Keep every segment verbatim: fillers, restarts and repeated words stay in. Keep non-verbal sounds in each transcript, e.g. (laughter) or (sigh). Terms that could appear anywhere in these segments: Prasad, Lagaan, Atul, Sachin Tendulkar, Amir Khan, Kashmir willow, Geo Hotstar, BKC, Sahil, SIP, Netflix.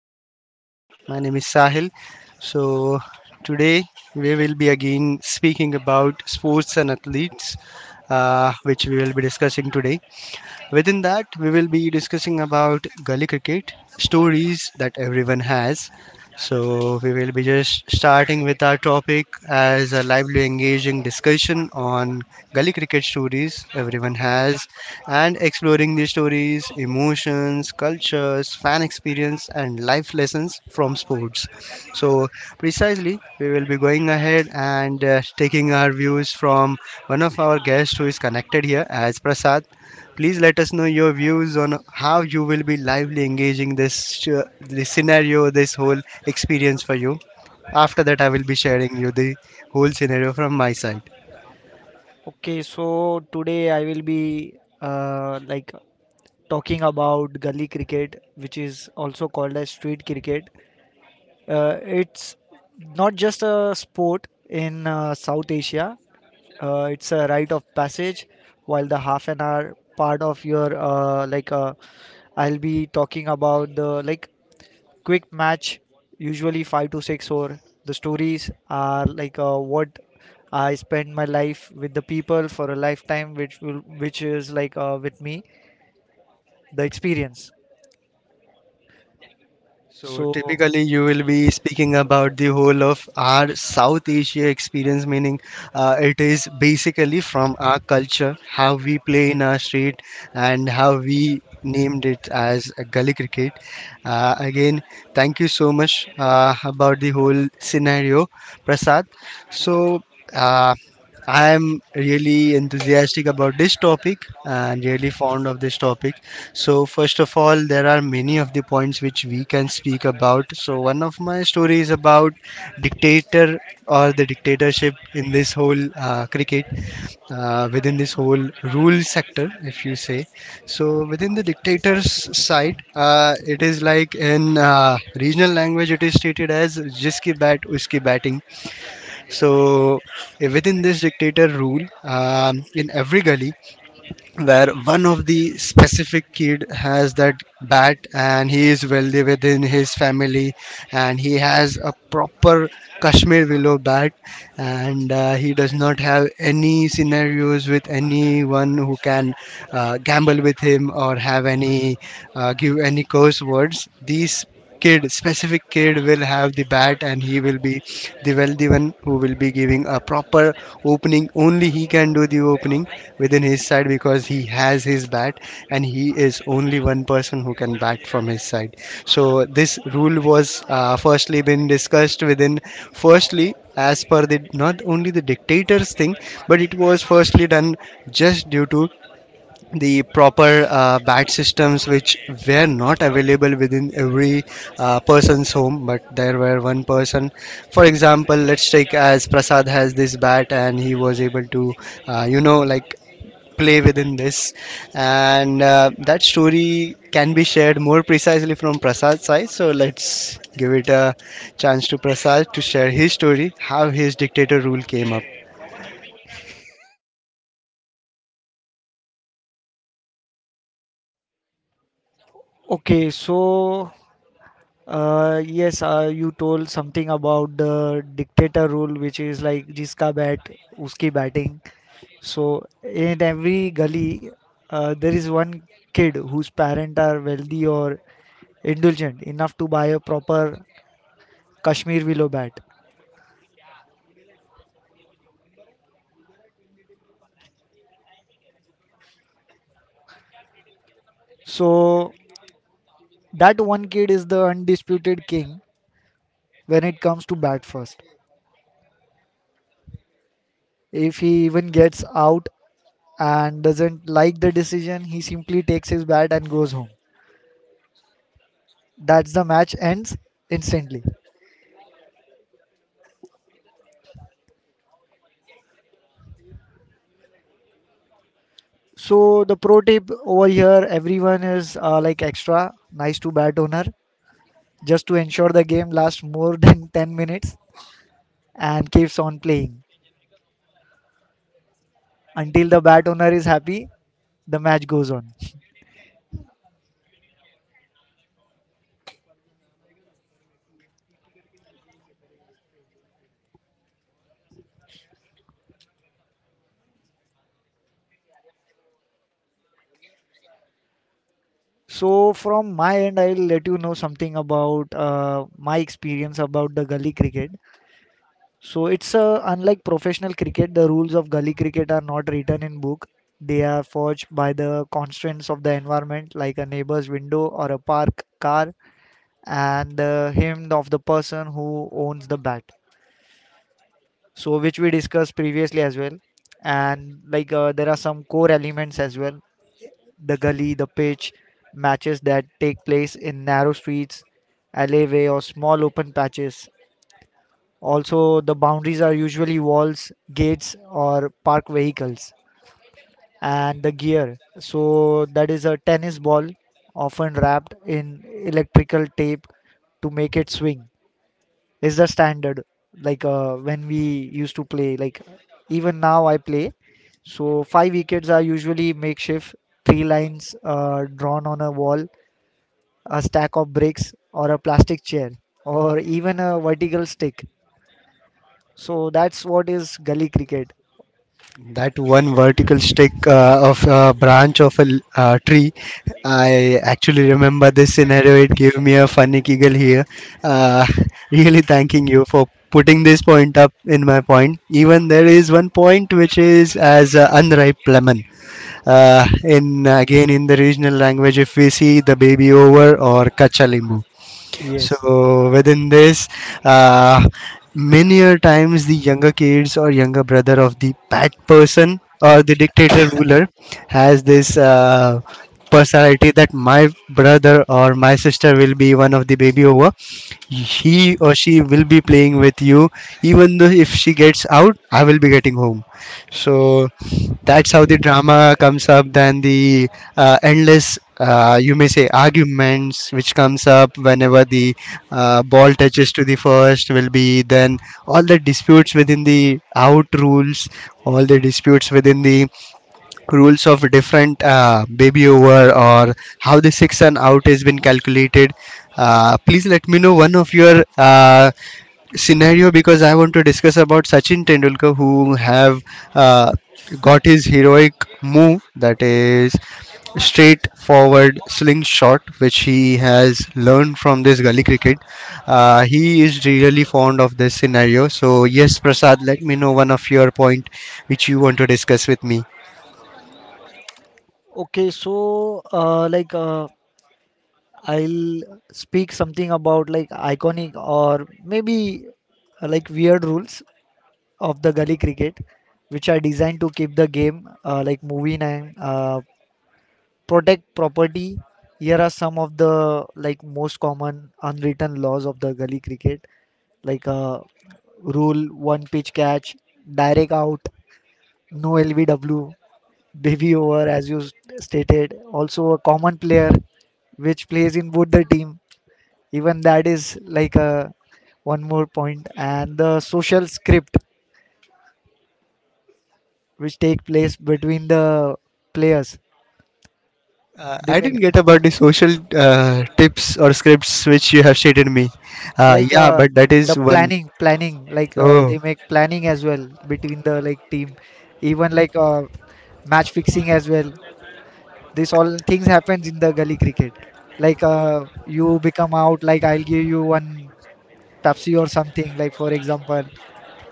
here connected. My name is Sahil. So, today we will be again speaking about sports and athletes, uh, which we will be discussing today. Within that, we will be discussing about gully cricket stories that everyone has. So we will be just starting with our topic as a lively, engaging discussion on gully cricket stories everyone has, and exploring these stories, emotions, cultures, fan experience, and life lessons from sports. So precisely, we will be going ahead and uh, taking our views from one of our guests who is connected here as Prasad. Please let us know your views on how you will be lively engaging this, sh- this scenario, this whole experience for you. After that, I will be sharing you the whole scenario from my side. Okay, so today I will be uh, like talking about gully cricket, which is also called as street cricket. Uh, it's not just a sport in uh, South Asia. Uh, it's a rite of passage. While the half an hour part of your uh, like, uh, I'll be talking about the like quick match, usually five to six or the stories are like uh, what I spend my life with the people for a lifetime, which will which is like uh, with me the experience. So So typically, you will be speaking about the whole of our South Asia experience, meaning uh, it is basically from our culture, how we play in our street, and how we named it as a gully cricket. Uh, again, thank you so much uh, about the whole scenario, Prasad. So. Uh, I'm really enthusiastic about this topic and really fond of this topic. So, first of all, there are many of the points which we can speak about. So, one of my story is about dictator or the dictatorship in this whole uh, cricket, uh, within this whole rule sector, if you say. So, within the dictator's side, uh, it is like in uh, regional language, it is stated as "jiski bat, uski batting." So eh, within this dictator rule, um, in every gully, where one of the specific kid has that bat and he is wealthy within his family and he has a proper Kashmir willow bat, and uh, he does not have any scenarios with anyone who can uh, gamble with him or have any uh, give any curse words, these kid specific kid will have the bat and he will be the wealthy one who will be giving a proper opening. Only only he can do the opening within his side because he has his bat, and he is only one person who can bat from his side. So this rule was uh, firstly been discussed within firstly as per the not only the dictators thing, but it was firstly done just due to the proper uh, bat systems which were not available within every uh, person's home. But there were one person, for example, let's take as Prasad has this bat and he was able to uh, you know like play within this, and uh, that story can be shared more precisely from Prasad's side. So let's give it a chance to Prasad to share his story, how his dictator rule came up. okay, so Uh, yes, uh, you told something about the dictator rule, which is like jiska bat, uski batting. So in every gully, uh, there is one kid whose parents are wealthy or indulgent enough to buy a proper Kashmir willow bat. So that one kid is the undisputed king when it comes to bat first. If he even gets out and doesn't like the decision, he simply takes his bat and goes home. That's the match ends instantly. So the pro tip over here, everyone is uh, like extra nice to bat owner just to ensure the game lasts more than (laughs) ten minutes and keeps on playing until the bat owner is happy. The match goes on. So from my end, I'll let you know something about uh, my experience about the gully cricket. So it's uh, unlike professional cricket, the rules of gully cricket are not written in book. They are forged by the constraints of the environment, like a neighbor's window or a park car, and the hymn of the person who owns the bat. So which we discussed previously as well, and like uh, there are some core elements as well: the gully, the pitch, matches that take place in narrow streets, alleyway, or small open patches. Also, the boundaries are usually walls, gates, or parked vehicles. And the gear. So, that is a tennis ball, often wrapped in electrical tape to make it swing, is the standard. Like uh, when we used to play, like even now I play. So, five wickets are usually makeshift, three lines uh, drawn on a wall, a stack of bricks, or a plastic chair, or even a vertical stick. So, that's what is gully cricket. That one vertical stick uh, of a branch of a l- uh, tree, I actually remember this scenario. It gave me a funny giggle here. Uh, (laughs) really thanking you for putting this point up in my point. Even there is one point which is as uh, unripe lemon. Uh, in again in the regional language, if we see the baby over or kachalimu. Yes. So within this, uh, many a times the younger kids or younger brother of the bad person or the dictator ruler has this uh, personality that my brother or my sister will be one of the baby over. He or she will be playing with you, even though if she gets out, I will be getting home. So that's how the drama comes up, then the uh, endless uh, you may say arguments which comes up whenever the uh, ball touches to the first will be then all the disputes within the out rules, all the disputes within the rules of different uh, baby over, or how the six and out has been calculated. Uh, please let me know one of your uh, scenario, because I want to discuss about Sachin Tendulkar who have uh, got his heroic move, that is straightforward slingshot which he has learned from this gully cricket. Uh, he is really fond of this scenario. So yes Prasad, let me know one of your point which you want to discuss with me. Okay, so uh, like uh, I'll speak something about like iconic or maybe uh, like weird rules of the gully cricket, which are designed to keep the game uh, like moving and uh, protect property. Here are some of the like most common unwritten laws of the gully cricket, like uh, rule one pitch catch, direct out, no L B W, baby over, as you s- stated. Also, a common player which plays in both the team. Even that is like a one more point. And the social script which take place between the players. Uh, They I make didn't get about the social uh, tips or scripts which you have shared me. Uh, like Yeah, uh, but that the is one. planning, planning like uh, Oh, they make planning as well between the like team. Even like uh, match fixing as well. This all things happens in the gully cricket like uh, you become out like I'll give you one Pepsi or something. Like for example,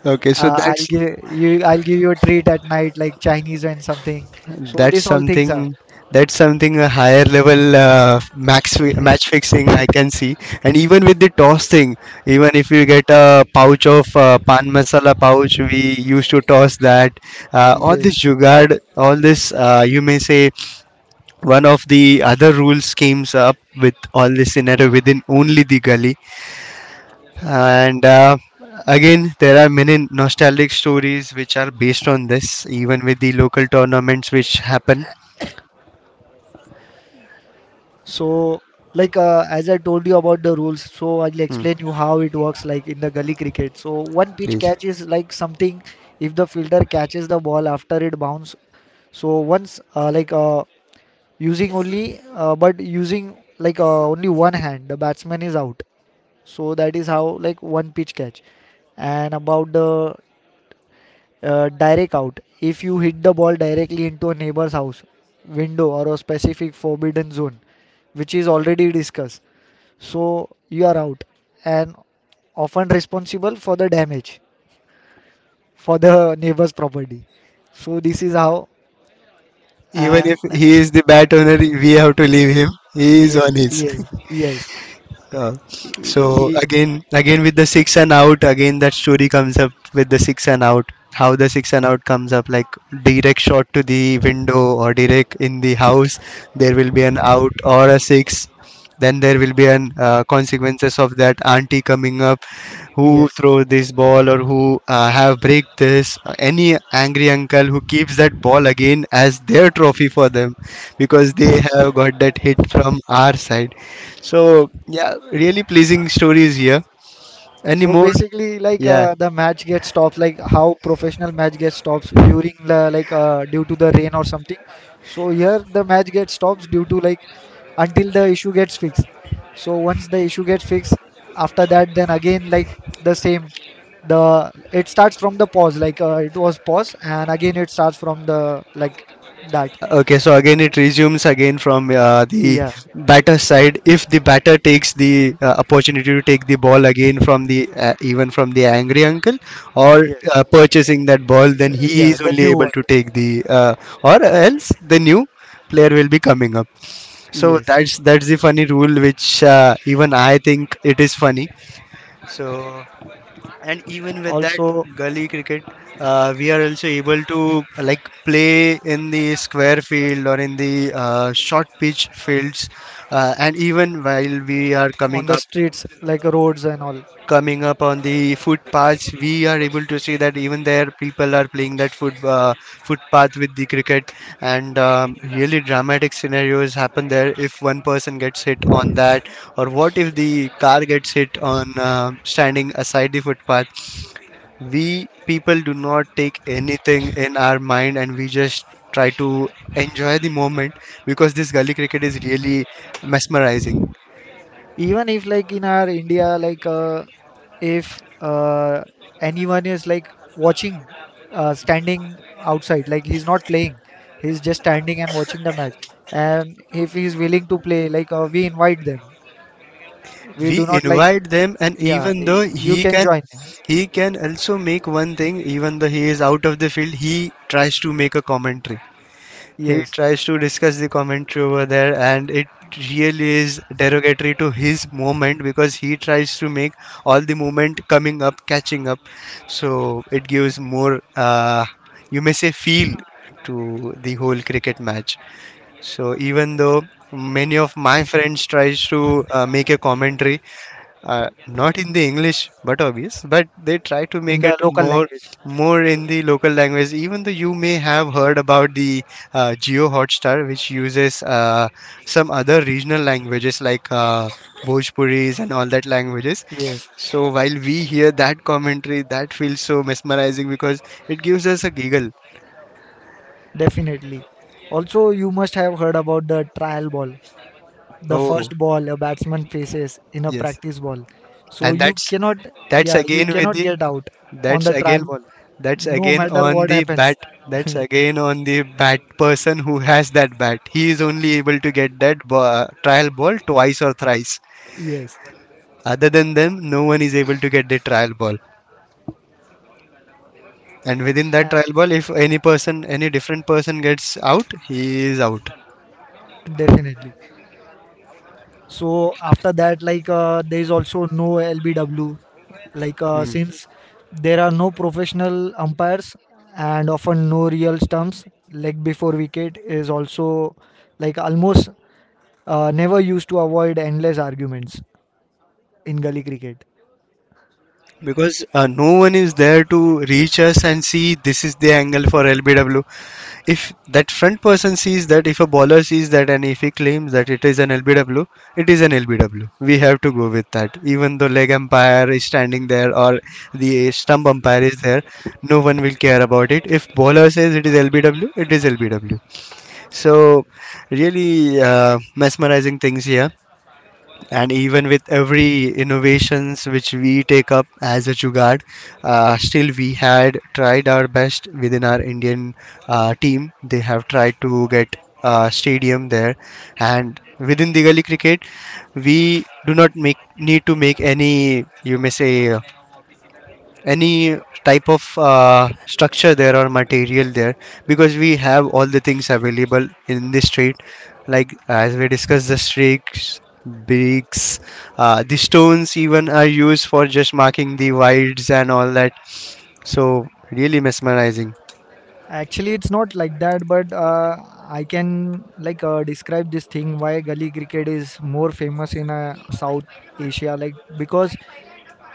okay. So uh, I'll that's give you I'll give you a treat at night like Chinese and something. So that's these all things are something that's something a higher level uh, max fi- match fixing I (laughs) can see. And even with the toss thing, even if we get a pouch of uh, pan masala pouch, we used to toss that. Uh, all yes. this jugad, all this uh, you may say one of the other rules schemes up with all this scenario within only the gully. And uh, again, there are many nostalgic stories which are based on this, even with the local tournaments which happen. So like uh, as I told you about the rules, so I'll Hmm, explain you how it works like in the gully cricket. So one pitch please. catch is like something if the fielder catches the ball after it bounce. So once uh, like uh, using only uh, but using like uh, only one hand, the batsman is out. So that is how like one pitch catch. And about the uh, direct out, if you hit the ball directly into a neighbor's house window or a specific forbidden zone, which is already discussed, so you are out and often responsible for the damage for the neighbor's property. So this is how Even and if he is the bat owner, we have to leave him. He is yes, on his. yes, yes, Uh, Y- so y- again, again with the six and out, again that story comes up with the six and out. How the six and out comes up, like direct shot to the window or direct in the house, there will be an out or a six. Then there will be an uh, consequences of that auntie coming up, who yes. throw this ball or who uh, have break this. Any angry uncle who keeps that ball again as their trophy for them, because they have got that hit from our side. So yeah, really pleasing stories here. Any So more? basically, like Yeah. uh, the match gets stopped, like how professional match gets stopped during the like uh, due to the rain or something. So here the match gets stopped due to like until the issue gets fixed. So once the issue gets fixed, after that, then again like the same. The it starts from the pause, like uh, it was pause, and again it starts from the like that. Okay. So again, it resumes again from uh, the Yeah, batter side. If the batter takes the uh, opportunity to take the ball again from the uh, even from the angry uncle or yes, uh, purchasing that ball, then Uh, he yeah, is the only new able one. to take the uh, or else the new player will be coming up. So Yes. that's that's the funny rule which uh, even I think it is funny. So, and even with that Also gully cricket uh, we are also able to like play in the square field or in the uh, short pitch fields, uh, and even while we are coming on the up streets, like roads and all. coming up on the footpaths we are able to see that even there people are playing that foot uh, footpath with the cricket. And um, really dramatic scenarios happen there if one person gets hit on that, or what if the car gets hit on um standing aside the footpath. We people do not take anything in our mind and we just try to enjoy the moment, because this gully cricket is really mesmerizing. Even if like in our India like uh, if uh, anyone is like watching, uh, standing outside, like he's not playing, he's just standing and watching the match, and if he's willing to play, like uh, we invite them, we We do not like, invite them, and yeah, even though y- you he can can join. he can also make one thing, even though he is out of the field he tries to make a commentary. He Yes. tries to discuss the commentary over there, and it really is derogatory to his moment, because he tries to make all the movement coming up, catching up. So it gives more, uh, you may say, feel to the whole cricket match. So even though many of my friends tries to uh, make a commentary uh, not in the English, but obvious. But they try to In make the it local more language. more in the local language. Even though you may have heard about the uh, Geo Hotstar, which uses uh, some other regional languages like uh, Bhojpuris and all that languages. Yes. So while we hear that commentary, that feels so mesmerizing because it gives us a giggle. Definitely. Also you must have heard about the trial ball, the Oh first ball a batsman faces in a yes, practice ball, so and you that's cannot, that's yeah, you again with cannot the get out on That's the again, trial ball that's no again matter on what the happens. bat. That's again on the bat person who has that bat. He is only able to get that ba- trial ball twice or thrice. Yes. Other than them, no one is able to get the trial ball. And within that trial ball, if any person, any different person gets out, he is out. Definitely. So after that like uh, there is also no LBW, like uh, Hmm. since there are no professional umpires and often no real stumps, leg before wicket is also like almost uh, never used to avoid endless arguments in gully cricket. Because uh, no one is there to reach us and see this is the angle for L B W. If that front person sees that, if a bowler sees that, and if he claims that it is an L B W, it is an L B W. We have to go with that. Even though leg umpire is standing there, or the stump umpire is there, no one will care about it. If bowler says it is L B W, it is L B W. So, really uh, mesmerizing things here, and even with every innovations which we take up as a Jugad, uh, still we had tried our best within our Indian uh, team. They have tried to get a stadium there, and within the gully cricket, we do not make need to make any you may say any type of uh, structure there or material there because we have all the things available in the street like as we discussed the streaks, bricks, uh, the stones even are used for just marking the wides and all that, so really mesmerizing Actually, it's not like that, but uh, I can like uh, describe this thing why gully cricket is more famous in uh, South Asia. Like because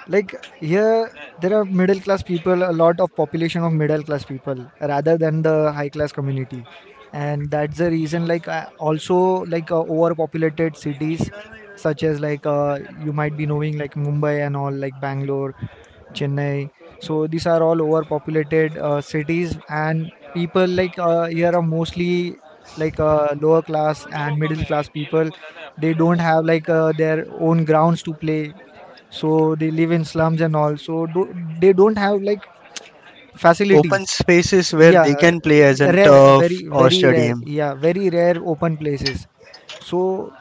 like here there are middle class people, a lot of population of middle class people rather than the high class community, and that's the reason. Like uh, also like uh, overpopulated cities such as like uh, you might be knowing like Mumbai and all like Bangalore, Chennai. So these are all overpopulated uh, cities, and people like uh, here are mostly like uh, lower class and middle class people. They don't have like uh, their own grounds to play, so they live in slums and all. So do, they don't have like facilities. open spaces where they Yeah, can play as in rare, turf very or very rare. stadium. Yeah, very rare open places. So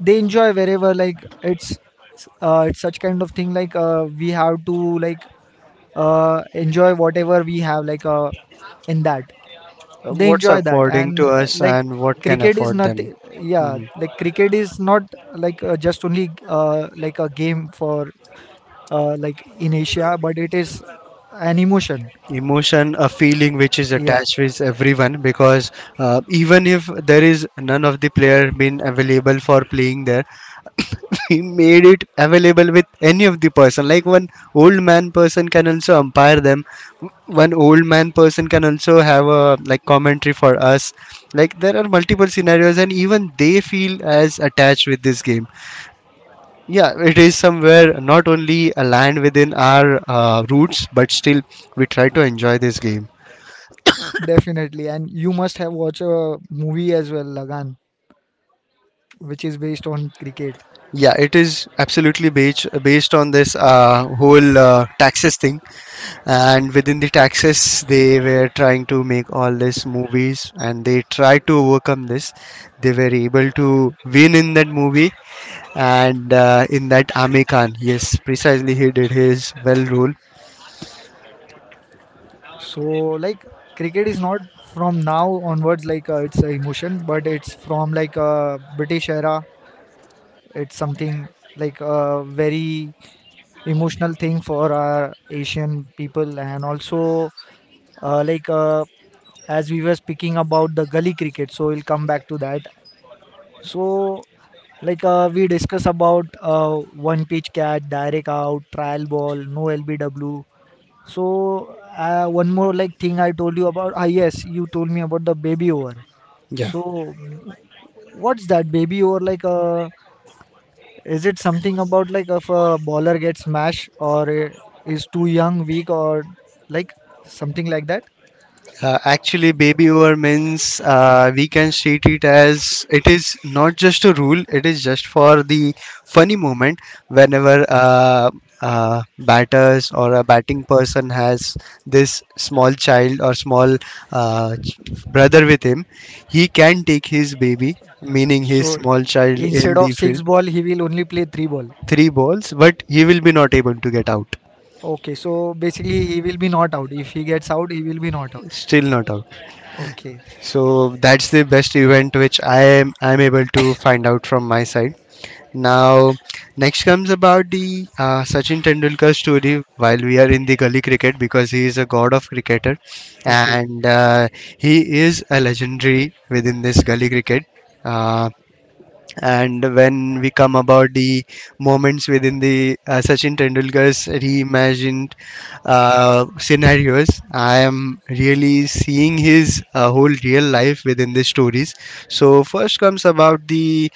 they enjoy wherever like it's uh, it's such kind of thing like uh, we have to like uh, enjoy whatever we have like uh, in that Uh, they What's enjoy that affording and to uh, us like and what can cricket is afford not, them. yeah Hmm. like cricket is not like uh, just only uh, like a game for uh, like in Asia but it is an emotion. Emotion, a feeling which is Yeah, attached with everyone because uh, even if there is none of the player been available for playing there, (coughs) we made it available with any of the person, like one old man person can also umpire them, one old man person can also have a like commentary for us. Like there are multiple scenarios and even they feel as attached with this game. Yeah, it is somewhere not only aligned within our uh, roots, but still we try to enjoy this game. definitely. And you must have watched a movie as well, Lagan, which is based on cricket. Yeah, it is absolutely based based on this uh, whole uh, taxes thing, and within the taxes, they were trying to make all these movies, and they tried to overcome this. They were able to win in that movie, and uh, in that Amir Khan, yes, precisely, he did his well role. So like cricket is not from now onwards like uh, it's a emotion, but it's from like uh, British era. It's something like a very emotional thing for our Asian people, and also uh, like uh, as we were speaking about the gully cricket. So we'll come back to that. So like uh, we discuss about uh, one pitch catch, direct out, trial ball, no L B W. So uh, one more like thing I told you about. Ah, yes, you told me about the baby over. Yeah. So what's that baby over like? Uh, is it something about like if a bowler gets smashed or uh, is too young, weak, or like something like that? Uh, actually, baby over means uh, we can state it as it is not just a rule, it is just for the funny moment whenever uh, uh, batters or a batting person has this small child or small uh, ch- brother with him, he can take his baby, meaning his So small child, in instead the of field. six ball, he will only play three ball. Three balls, but he will be not able to get out, Okay, so basically he will be not out. If he gets out, he will be not out. still not out. Okay, So that's the best event which I am I'm able to find out from my side. Now, next comes about the uh, Sachin Tendulkar story while we are in the gully cricket because he is a god of cricketer, okay, and uh, he is a legendary within this gully cricket. Uh, and when we come about the moments within the uh, Sachin Tendulkar's reimagined uh, scenarios, I am really seeing his uh, whole real life within the stories. So first comes about the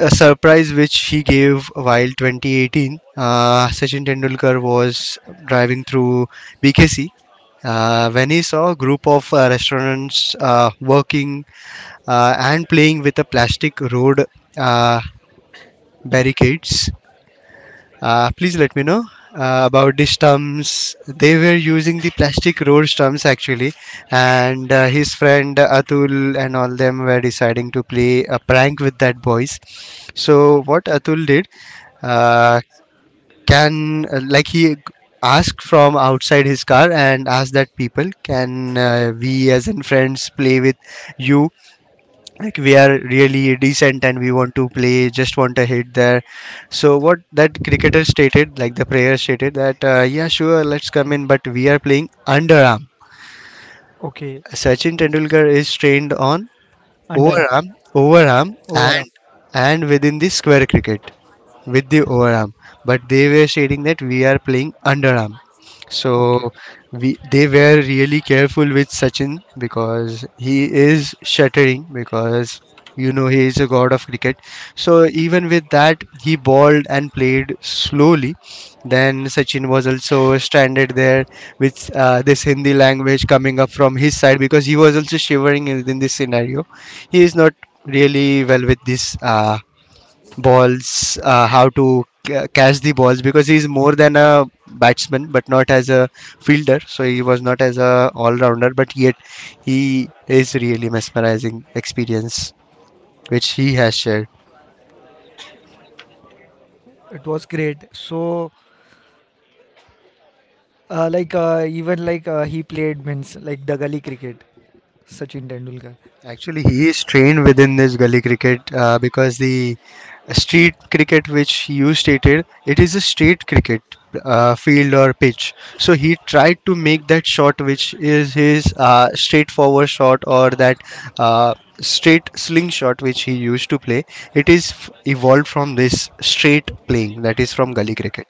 uh, surprise which he gave while twenty eighteen. Uh, Sachin Tendulkar was driving through B K C. Uh, when he saw a group of uh, restaurants uh, working uh, and playing with a plastic road uh, barricades. Uh, please let me know uh, about the stumps. They were using the plastic road stumps actually, and uh, his friend Atul and all them were deciding to play a prank with that boys. So what Atul did, uh, can uh, like he asked from outside his car and asked that people, can uh, we as in friends play with you, like we are really decent and we want to play, just want a hit there. So what that cricketer stated, like the player stated that uh, yeah sure, let's come in, but we are playing underarm. okay. Sachin Tendulkar is trained on Underarm, overarm, overarm, overarm. and and within the square cricket with the overarm, but they were stating that we are playing underarm. Okay, So we they were really careful with Sachin because he is shuttering, because you know he is a god of cricket. So even with that he bowled and played slowly. Then Sachin was also stranded there with uh, this Hindi language coming up from his side because he was also shivering in, in this scenario. He is not really well with this uh, balls, uh, how to ca- catch the balls because he's more than a batsman, but not as a fielder. So he was not as a all-rounder, but yet he is really mesmerizing experience which he has shared. it was great. So Uh, like uh, even like uh, he played means like the gully cricket, Sachin Tendulkar. Actually, he is trained within this gully cricket uh, because the street cricket, which you stated, it is a street cricket uh, field or pitch. So he tried to make that shot, which is his uh, straightforward shot or that uh, straight sling shot, which he used to play. It is f- evolved from this straight playing, that is from gully cricket.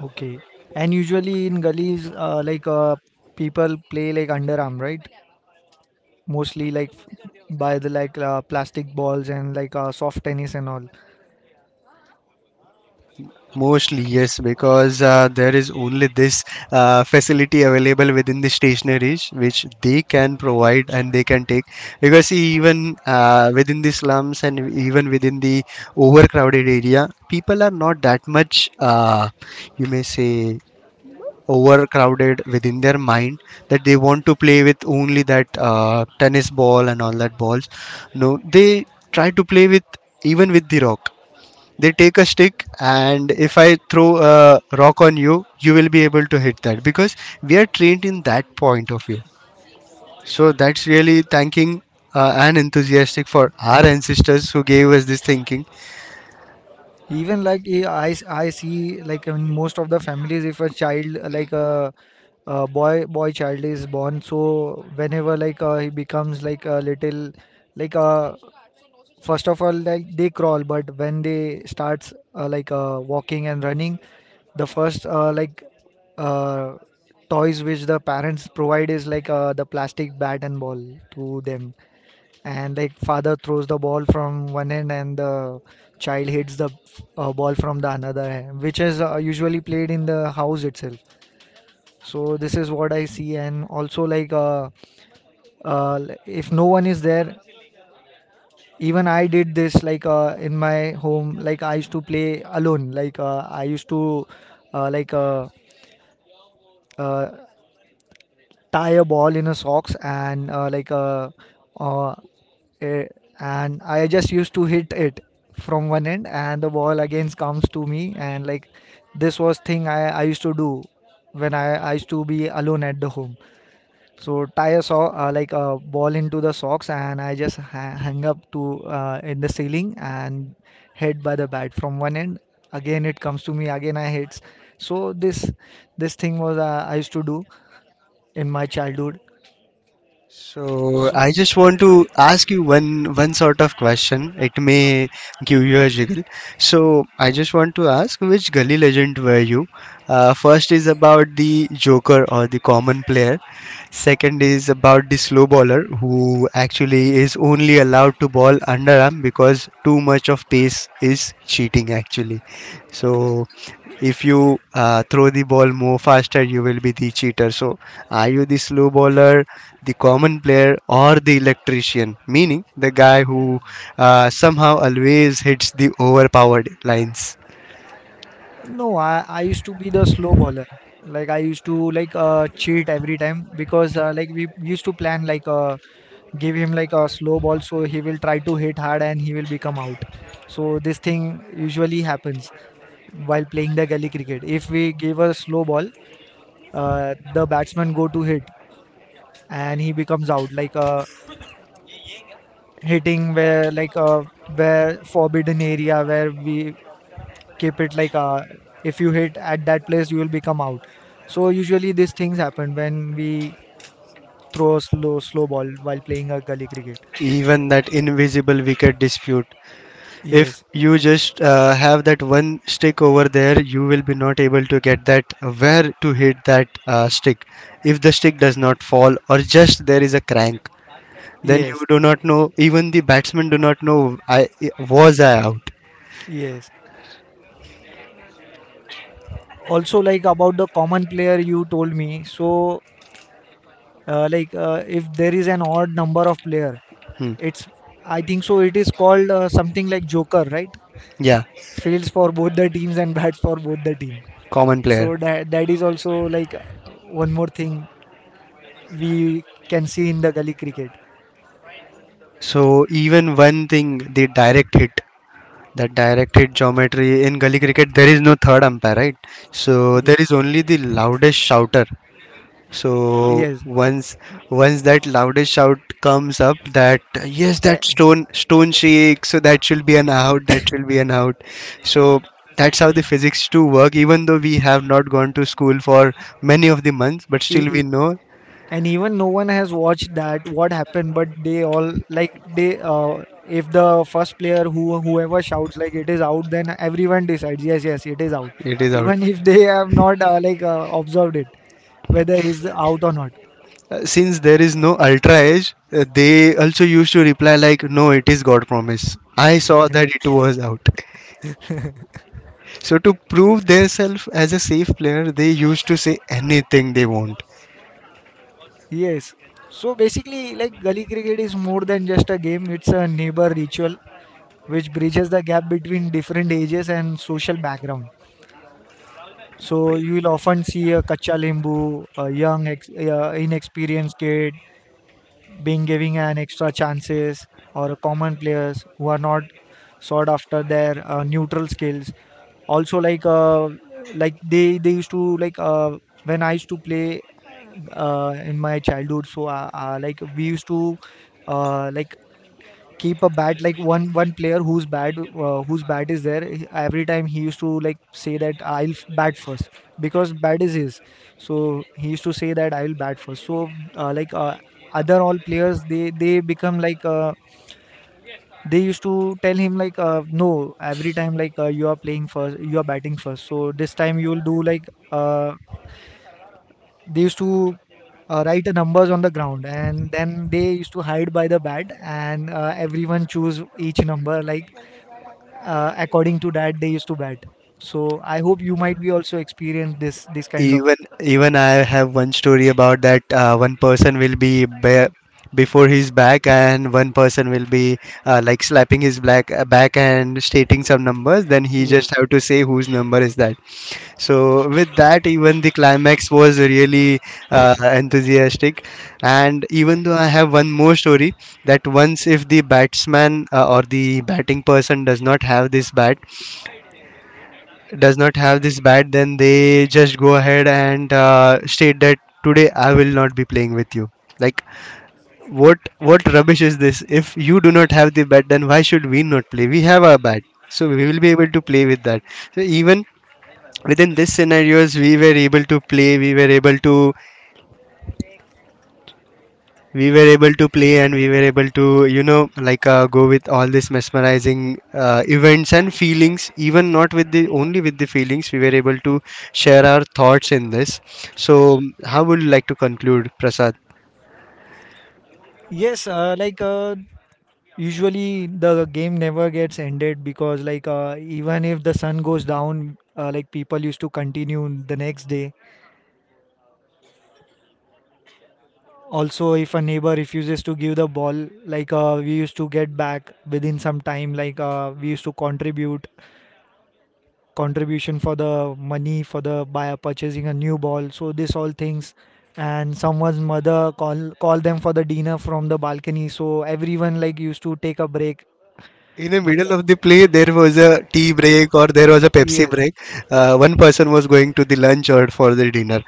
Okay. And usually in gullies, uh, like uh, people play like underarm, right? Mostly like f- by the like uh, plastic balls and like uh, soft tennis and all. Mostly, Okay. yes, because uh, there is only this uh, facility available within the stationaries which they can provide and they can take. Because see, even uh, within the slums and even within the overcrowded area, people are not that much, uh, you may say, overcrowded within their mind that they want to play with only that uh, tennis ball and all that balls. No, they try to play with even with the rock. They take a stick, and if I throw a rock on you, you will be able to hit that because we are trained in that point of view. So that's really thanking uh, and enthusiastic for our ancestors who gave us this thinking. Even like eh, I s- I see like in most of the families, if a child uh, like a, a boy boy child is born, so whenever like uh, he becomes like a little like a first of all like they crawl but when they starts uh, like uh, walking and running, the first uh, like uh, toys which the parents provide is like uh, the plastic bat and ball to them, and like father throws the ball from one end and the child hits the uh, ball from the another hand which is uh, usually played in the house itself. So this is what I see, and also like uh, uh, if no one is there, even I did this like uh, in my home, like I used to play alone, like uh, I used to uh, like uh, uh, tie a ball in a socks and uh, like uh, uh, eh, and I just used to hit it from one end and the ball again comes to me and like this was thing i, I used to do when I, I used to be alone at the home. So tie a saw uh, like a ball into the socks, and I just ha- hang up to uh, in the ceiling and hit by the bat from one end. Again, it comes to me. Again, I hits. So this this thing was uh, I used to do in my childhood. So So I just want to ask you one one sort of question. It may give you a jiggle. So I just want to ask, which gully legend were you? Uh, first is about the joker or the common player. Second is about the slow bowler who actually is only allowed to ball underarm because too much of pace is cheating actually. So if you uh, throw the ball more faster, you will be the cheater. So are you the slow bowler, the common player, or the electrician, meaning the guy who uh, somehow always hits the overpowered lines. no, I I used to be the slow bowler. Like I used to like uh, cheat every time because uh, like we we used to plan like uh, give him like a slow ball so he will try to hit hard and he will become out. So this thing usually happens while playing the gully cricket. If we give a slow ball, uh, the batsman go to hit and he becomes out like uh, hitting where like uh, where forbidden area where we keep it like uh, if you hit at that place you will become out. So usually these things happen when we throw a slow slow ball while playing a gully cricket. Even that invisible wicket dispute. If Yes, you just uh, have that one stick over there, you will be not able to get that where to hit that uh, stick. If the stick does not fall or just there is a crank, then yes, you do not know. Even the batsmen do not know. I was I out. yes. Also like about the common player you told me. So uh, like uh, if there is an odd number of player. Hmm. It's I think so. It is called uh, something like Joker, right? Yeah, Fields for both the teams and (laughs) bats for both the team. common player. So that that is also like uh, one more thing we can see in the gully cricket. So even one thing, the direct hit, that direct hit geometry in gully cricket, there is no third umpire, right? So there Yeah. is only the loudest shouter. So Yes. once once that loudest shout comes up, that yes, that A- stone stone shakes, so that should be an out, that should be an out. So that's how the physics two work. Even though we have not gone to school for many of the months, but e- still we e- know And even no one has watched that what happened, but they all like they uh, if the first player who whoever shouts like it is out, then everyone decides yes, yes, it is out. it is out. Even if they have not uh, like uh, observed it whether he's out or not. Uh, since there is no ultra edge, uh, they also used to reply like, no, it is god promise, I saw that it was out. So to prove themselves as a safe player they used to say anything they want. Yes. So basically, like gully cricket is more than just a game, it's a neighbor ritual which bridges the gap between different ages and social background. So you will often see a kacha limbu, a young, ex- uh, inexperienced kid being given an extra chances, or common players who are not sought after their uh, neutral skills, also like uh like they they used to like uh when I used to play uh in my childhood. So uh, uh like we used to uh like keep a bat like one one player whose bat uh, whose bat is there, he- every time he used to like say that I'll f- bat first because bat is his. So he used to say that I'll bat first. So uh, like uh, other all players, they they become like uh, they used to tell him like uh, no, every time like uh, you are playing first, you are batting first, so this time you will do like uh, they used to uh, write the numbers on the ground and then they used to hide by the bat, and uh, everyone choose each number like uh, according to that they used to bat. So I hope you might be also experience this this kind of. Even even I have one story about that. Uh, one person will be ba- before his back and one person will be uh, like slapping his black back and stating some numbers, then he just Yes. have to say whose number is that. So with that, even the climax was really uh, enthusiastic. And even though I have one more story that once if the batsman uh, or the batting person does not have this bat, does not have this bat, then they just go ahead and uh, state that today I will not be playing with you. Like, what what rubbish is this? If you do not have the bat, then why should we not play? We have our bat, so we will be able to play with that. So even within this scenarios we were able to play we were able to we were able to play, and we were able to, you know, like uh, go with all these mesmerizing uh, events and feelings, even not with the only with the feelings we were able to share our thoughts in this. So how would you like to conclude, Prasad? Yes, uh, like uh, usually the game never gets ended because like uh, even if the sun goes down uh, like people used to continue the next day. Also if a neighbor refuses to give the ball, like uh, we used to get back within some time, like uh, we used to contribute contribution for the money for the buyer purchasing a new ball. So this all things, and someone's mother call call them for the dinner from the balcony, so everyone like used to take a break. In the like middle uh, of the play there was a tea break or there was a Pepsi yes. break, uh, one person was going to the lunch or for the dinner.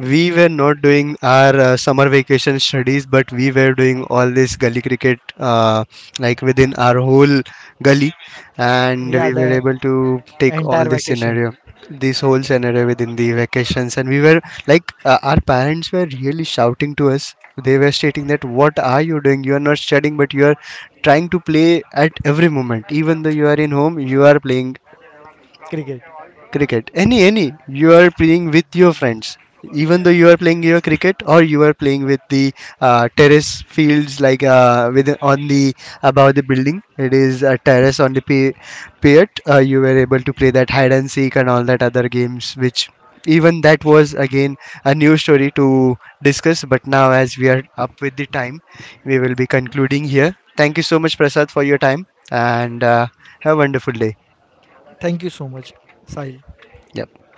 We were not doing our uh, summer vacation studies but we were doing all this gully cricket, uh, like within our whole gully, and Yeah, we were the able to take all entire this vacation. scenario, this whole scenario within the vacations. And we were, like uh, our parents were really shouting to us, they were stating that what are you doing, you are not studying but you are trying to play at every moment. Even though you are in home, you are playing Cricket. cricket, any any you are playing with your friends. Even though you are playing your cricket, or you are playing with the uh, terrace fields, like uh, with on the above the building, it is a terrace on the pi- pier. Uh, you were able to play that hide and seek and all that other games, which even that was again a new story to discuss, but now as we are up with the time, we will be concluding here. Thank you so much, Prasad, for your time, and uh, have a wonderful day. Thank you so much, Sahil. Yep.